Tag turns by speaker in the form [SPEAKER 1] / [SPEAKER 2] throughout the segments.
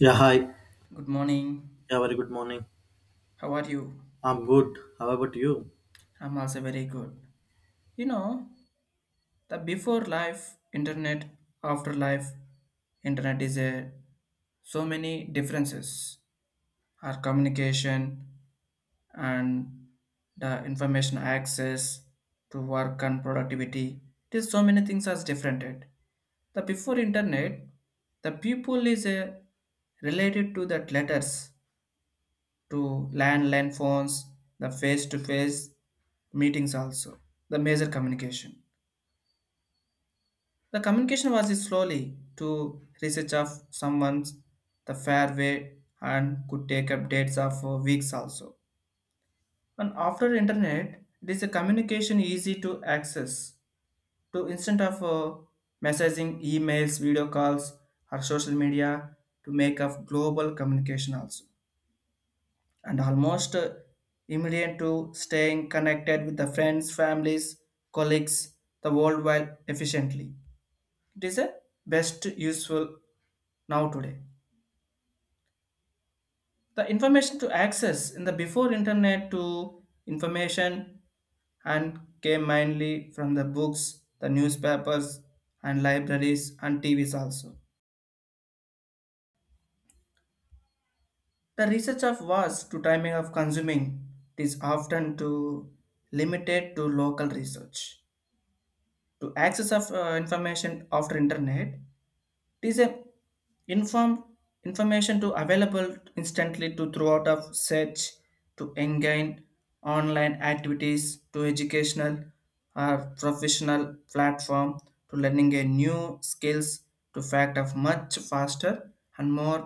[SPEAKER 1] Yeah, hi.
[SPEAKER 2] Good morning.
[SPEAKER 1] Yeah, very good morning.
[SPEAKER 2] How are you?
[SPEAKER 1] I'm good. How about you?
[SPEAKER 2] I'm also very good. You know, the before life internet, after life internet is a so many differences. Our communication and the information access to work and productivity. It is so many things as different. The before internet, the people is a related to that letters to landline phones, the face to face meetings also, the major communication. The communication was slowly to research of someone's the fair way and could take up dates of weeks also. And after internet, it is a communication easy to access to instant of messaging, emails, video calls, or social media to make of global communication also and almost immediate to staying connected with the friends, families, colleagues, the world while efficiently. It is a best useful now today. The information to access in the before internet to information and came mainly from the books, the newspapers and libraries and TVs also. The research of was to timing of consuming is often to limited to local research to access of information after internet it is a inform information to available instantly to throughout of search to engage online activities to educational or professional platform to learning a new skills to fact of much faster and more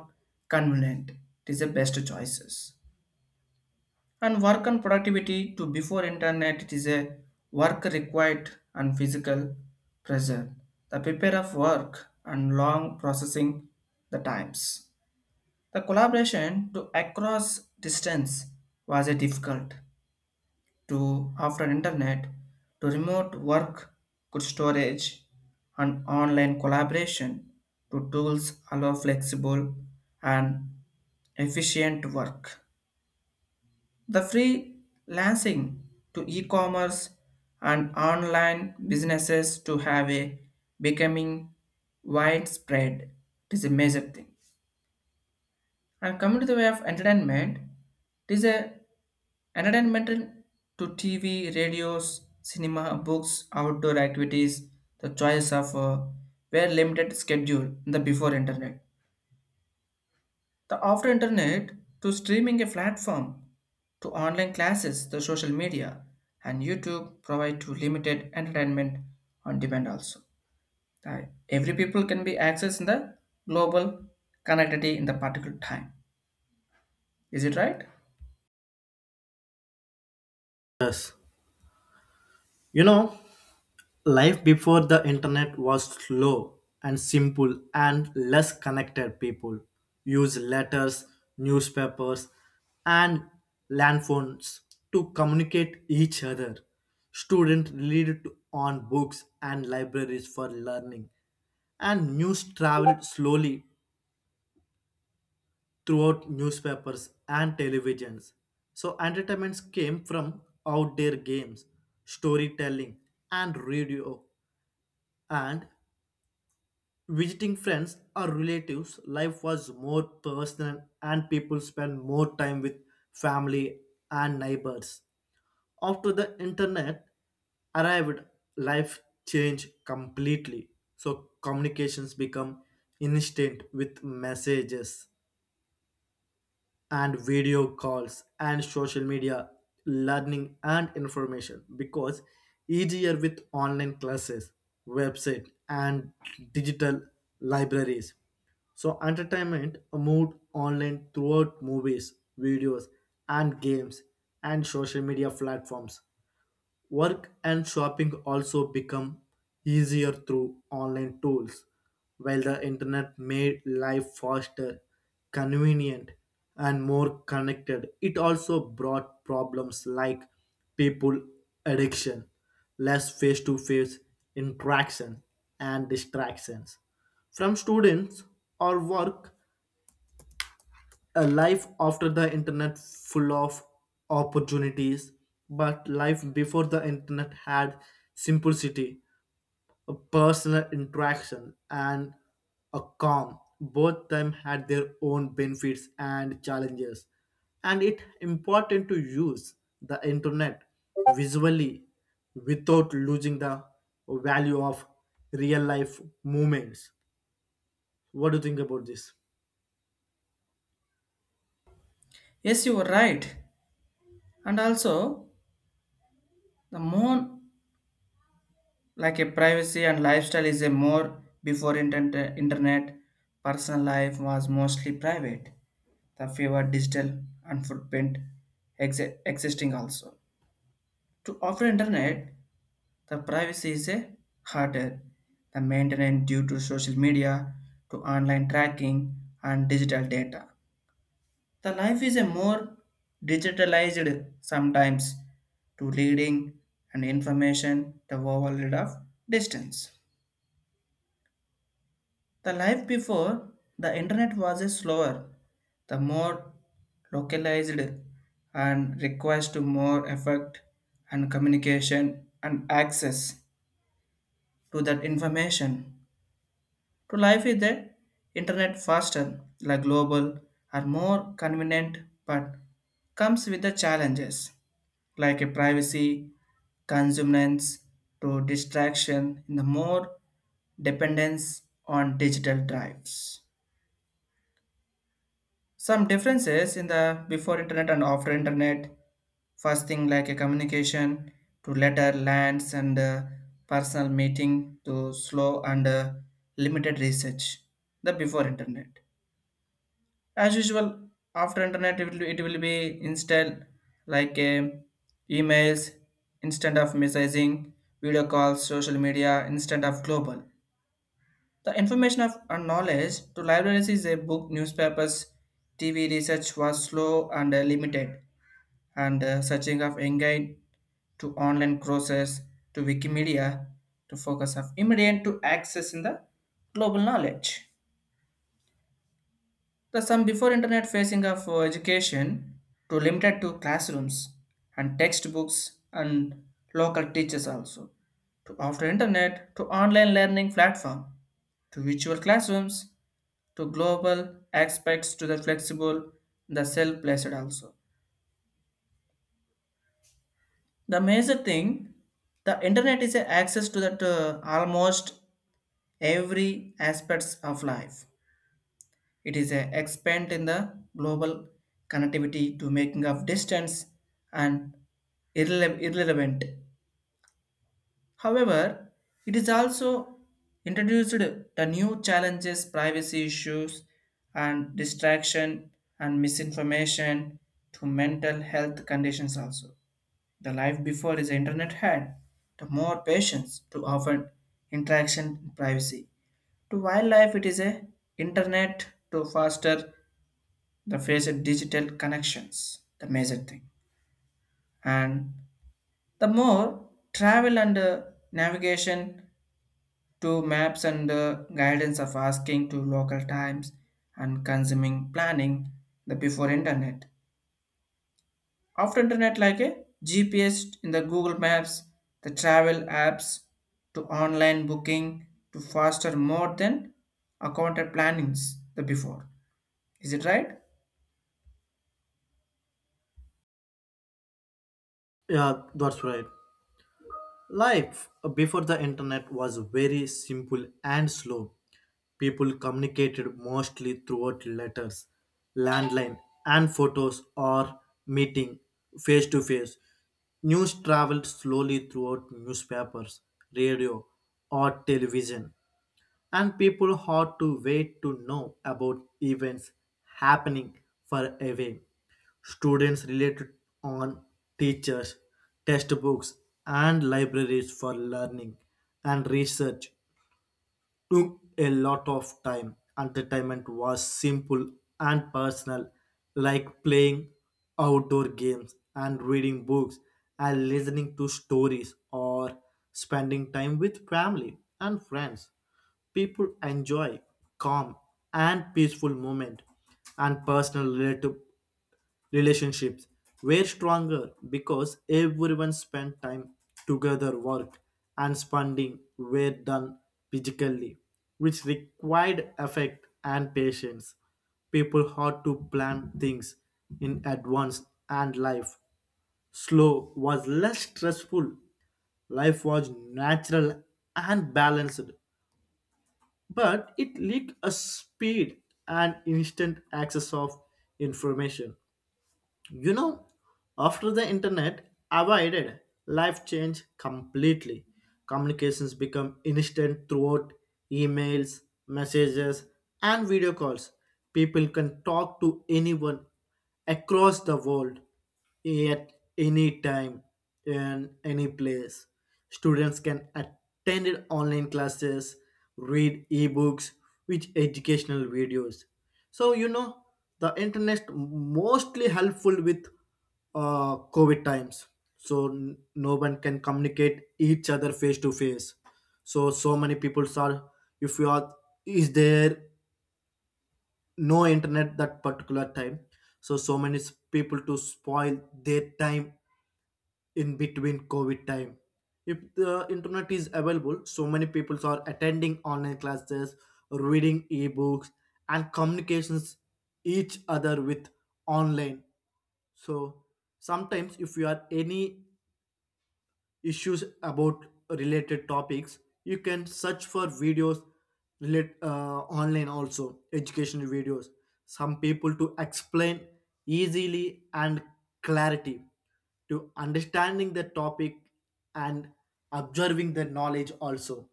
[SPEAKER 2] convenient it is the best choices and work on productivity to before internet it is a work required and physical pressure the prepare of work and long processing the times the collaboration to across distance was a difficult to after internet to remote work good storage and online collaboration to tools allow flexible and efficient work the freelancing to e-commerce and online businesses to have a becoming widespread. It is a major thing. And coming to the way of entertainment, it is a entertainment to TV, radios, cinema, books, outdoor activities. The choice of were limited schedule in the before internet. The after internet to streaming a platform to online classes, the social media and YouTube provide to limited entertainment on demand also. Uh, Every people can be accessed in the global connectivity in the particular time. Is it right?
[SPEAKER 1] Yes. You know, life before the internet was slow and simple and less connected. People use letters, newspapers, and land phones to communicate each other. Students relied on books and libraries for learning, and news traveled slowly throughout newspapers and televisions. So entertainments came from outdoor games, storytelling, and radio. And visiting friends or relatives, life was more personal and people spent more time with family and neighbors. After the internet arrived, life changed completely. So communications become instant with messages and video calls and social media. Learning and information because easier with online classes, website and digital libraries. So entertainment moved online throughout movies, videos, and games, and social media platforms. Work and shopping also become easier through online tools, while the internet made life faster, convenient, and more connected. It also brought problems like people addiction, less face to face interaction, and distractions from students or work. A life after the internet full of opportunities, but life before the internet had simplicity, a personal interaction and a calm. Both them had their own benefits and challenges, and it important to use the internet visually without losing the value of real life moments. What do you think about this?
[SPEAKER 2] Yes, you are right. And also the more like a privacy and lifestyle is a more before internet, internet personal life was mostly private the fewer digital and footprint existing also to offer internet the privacy is a harder the maintenance due to social media to online tracking and digital data the life is a more digitalized sometimes to leading and information the overload of distance. The life before the internet was a slower, the more localized and requires to more effort and communication and access to that information. To life is the internet faster, like global are more convenient but comes with the challenges like a privacy, consumers to distraction in the more dependence on digital drives. Some differences in the before internet and after internet. First thing like a communication to letter lands and personal meeting to slow and limited research. The before internet. As usual, after internet it will be instant like emails, instant of messaging, video calls, social media, instant of global. The information of and knowledge to libraries is a book, newspapers, TV research was slow and limited, and searching of engine to online courses to Wikimedia to focus of immediate to access in the global knowledge. The some before internet facing of education to limited to classrooms and textbooks and local teachers also. To after internet to online learning platform to virtual classrooms to global aspects to the flexible the self-placed also. The major thing the internet is a access to that almost every aspects of life. It is a expand in the global connectivity to making of distance and irrelevant. However, it is also introduced the new challenges, privacy issues, and distraction and misinformation to mental health conditions also. The life before is internet had the more patience to offer interaction and privacy. To wildlife, it is a internet to foster the face of digital connections, the major thing. And the more travel and navigation to maps and guidance of asking to local times and consuming planning the before internet. After internet like a GPS in the Google Maps, the travel apps to online booking to faster more than accounted plannings the before. Is it right?
[SPEAKER 1] Yeah, that's right. Life before the internet was very simple and slow. People communicated mostly throughout letters, landline, and photos, or meeting face to face. News traveled slowly throughout newspapers, radio, or television, and people had to wait to know about events happening far away. Students related on teachers, textbooks, and libraries for learning, and research took a lot of time. Entertainment was simple and personal, like playing outdoor games and reading books and listening to stories, or spending time with family and friends. People enjoy calm and peaceful moment and personal relative. Relationships were stronger because everyone spent time together. Work and spending were done physically, which required effort and patience. People had to plan things in advance, and life. Slow was less stressful. Life was natural and balanced, but it lacked a speed and instant access of information. You know, after the internet avoided, life changed completely. Communications become instant throughout emails, messages, and video calls. People can talk to anyone across the world at any time and any place. Students can attend online classes, read ebooks, watch educational videos. So you know the internet mostly helpful with COVID times. So no one can communicate each other face to face. So so many people are, if you are, is there no internet that particular time, so so many people to spoil their time in between COVID time. If the internet is available, so many people are attending online classes, reading ebooks, and communications each other with online. So sometimes if you are any issues about related topics, you can search for videos, online also educational videos. Some people to explain easily and clarity to understanding the topic and observing the knowledge also,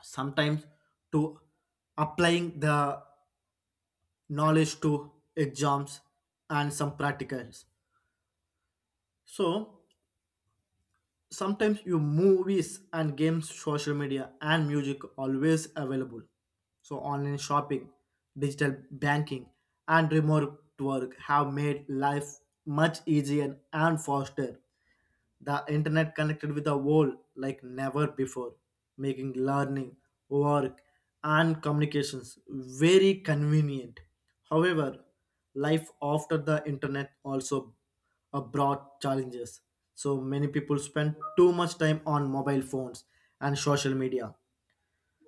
[SPEAKER 1] sometimes to applying the knowledge to exams and some practicals. So sometimes your movies and games, social media and music always available. So online shopping, digital banking, and remote work have made life much easier and faster. The internet connected with the world like never before, making learning, work, and communications very convenient. However, life after the internet also brought challenges. So many people spend too much time on mobile phones and social media,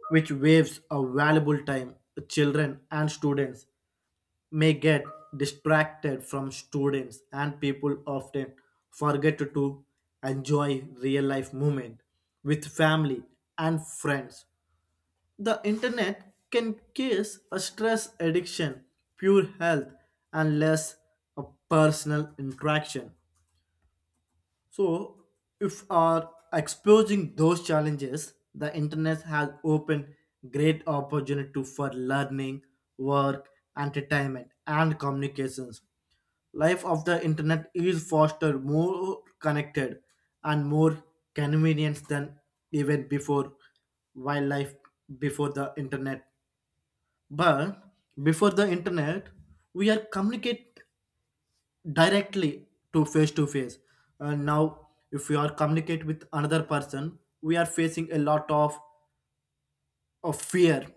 [SPEAKER 1] which waves a valuable time to children, and students may get distracted from students, and people often forget to enjoy real life moment with family and friends. The internet can cause a stress addiction, poor health, and less a personal interaction. So, if are exposing those challenges, the internet has opened great opportunity for learning, work, entertainment, and communications. Life of the internet is faster, more connected, and more convenient than even before wildlife before the internet. But before the internet, we are communicate directly to face to face, and now if we are communicate with another person, we are facing a lot of fear,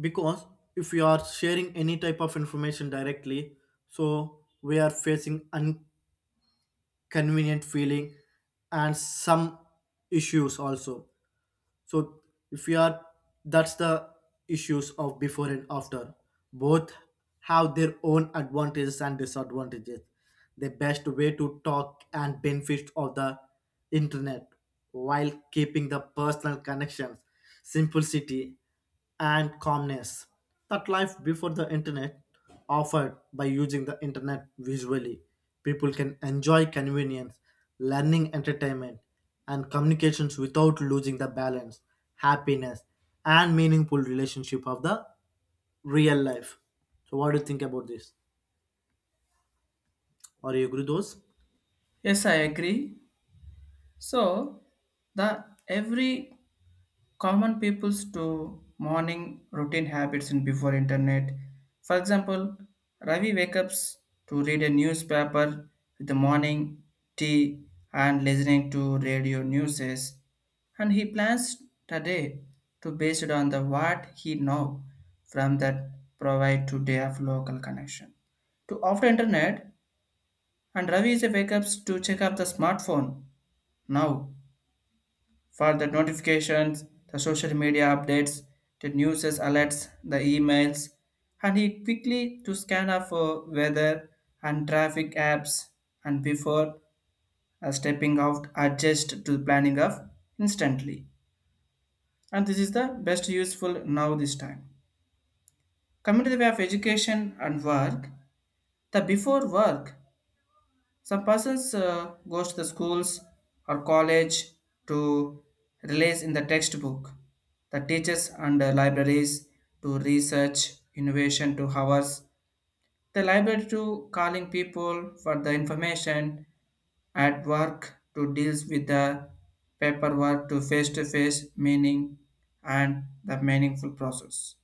[SPEAKER 1] because if we are sharing any type of information directly, so we are facing convenient feeling and some issues also. So if you are, that's the issues of before and after. Both have their own advantages and disadvantages. The best way to talk and benefits of the internet while keeping the personal connections, simplicity, and calmness that life before the internet offered by using the internet visually. People can enjoy convenience, learning, entertainment, and communications without losing the balance, happiness, and meaningful relationship of the real life. So, what do you think about this? Are you agree those?
[SPEAKER 2] Yes, I agree. So the every common people's to morning routine habits in before internet. For example, Ravi wakes up to read a newspaper with the morning tea and listening to radio newses, and he plans the day to based on the what he know from that provide today of local connection to after internet and Ravi is a wake up to check up the smartphone now for the notifications, the social media updates, the news alerts, the emails, and he quickly to scan up for weather and traffic apps and before stepping out adjust to the planning of instantly. And this is the best useful now this time. Coming to the way of education and work, the before work some persons goes to the schools or college to release in the textbook, the teachers and the libraries to research innovation to hours, the library to calling people for the information at work to deals with the paperwork to face-to-face meaning and the meaningful process.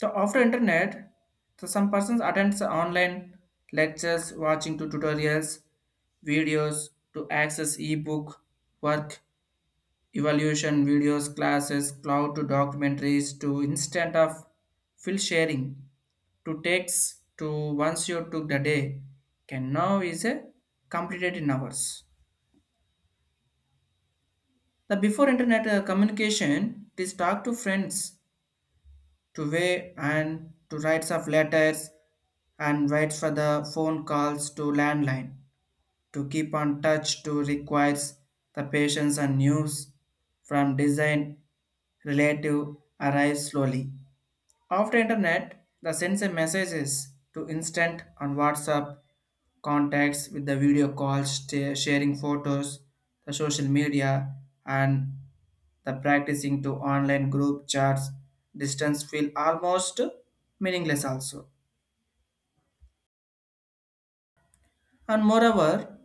[SPEAKER 2] So after internet, so some persons attends online lectures, watching to tutorials, videos to access ebook, work, evaluation videos, classes, cloud to documentaries to instant of fill sharing to text to once you took the day can now is a completed in hours. The before internet communication, it is talk to friends to weigh and to writes of letters and waits for the phone calls to landline. To keep on touch to requires the patience and news from design relative arrives slowly. After internet, the sends a messages to instant on WhatsApp, contacts with the video calls, sharing photos, the social media, and the practicing to online group chats. Distance feel almost meaningless also. And moreover,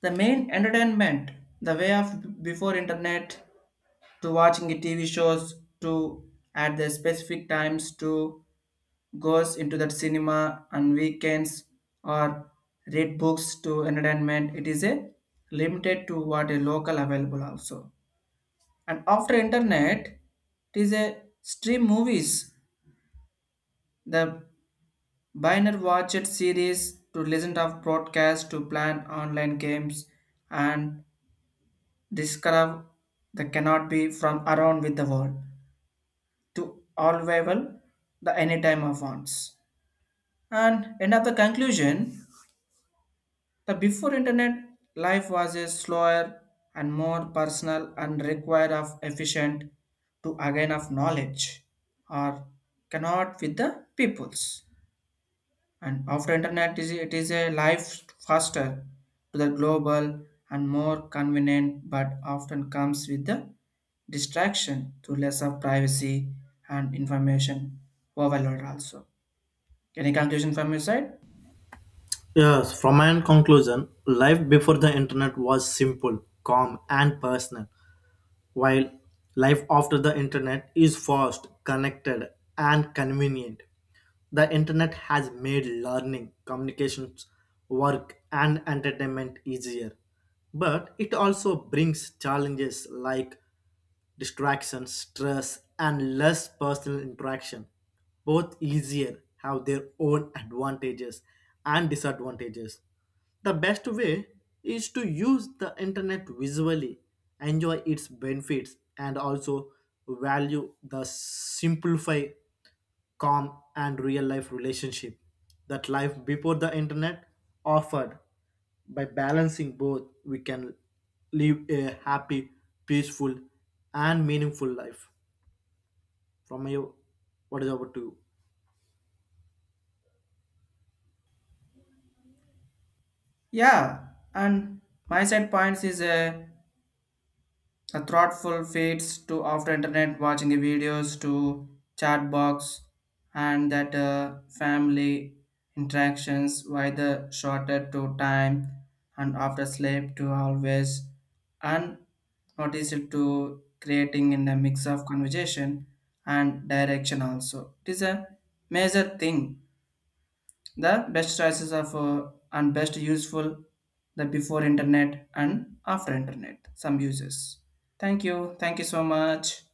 [SPEAKER 2] the main entertainment, the way of before internet, to watching the TV shows to at the specific times to goes into that cinema on weekends or read books to entertainment it is a limited to what a local available also and after internet it is a stream movies the binary watched series to listen of broadcast to plan online games and discover the cannot be from around with the world to all available the anytime of wants and end of the conclusion. The before internet life was a slower and more personal and required of efficient to again of knowledge or cannot with the peoples. And after internet is it is a life faster to the global and more convenient but often comes with the distraction to less of privacy and information overload also. Any conclusion from your side?
[SPEAKER 1] Yes, from my end conclusion, life before the internet was simple, calm, and personal, while life after the internet is fast, connected, and convenient. The internet has made learning, communications, work, and entertainment easier. But it also brings challenges like distraction, stress, and less personal interaction. Both easier have their own advantages and disadvantages. The best way is to use the internet visually, enjoy its benefits, and also value the simplify, calm, and real life relationship that life before the internet offered. By balancing both, we can live a happy, peaceful, and meaningful life. From you, what is over to you?
[SPEAKER 2] Yeah, and my side points is the thoughtful feeds to after internet watching the videos to chat box and that family interactions why the shorter to time and after sleep to always and notice it to creating in the mix of conversation and direction also. It is a major thing the best choices of for and best useful the before internet and after internet. Some uses. Thank you. Thank you so much.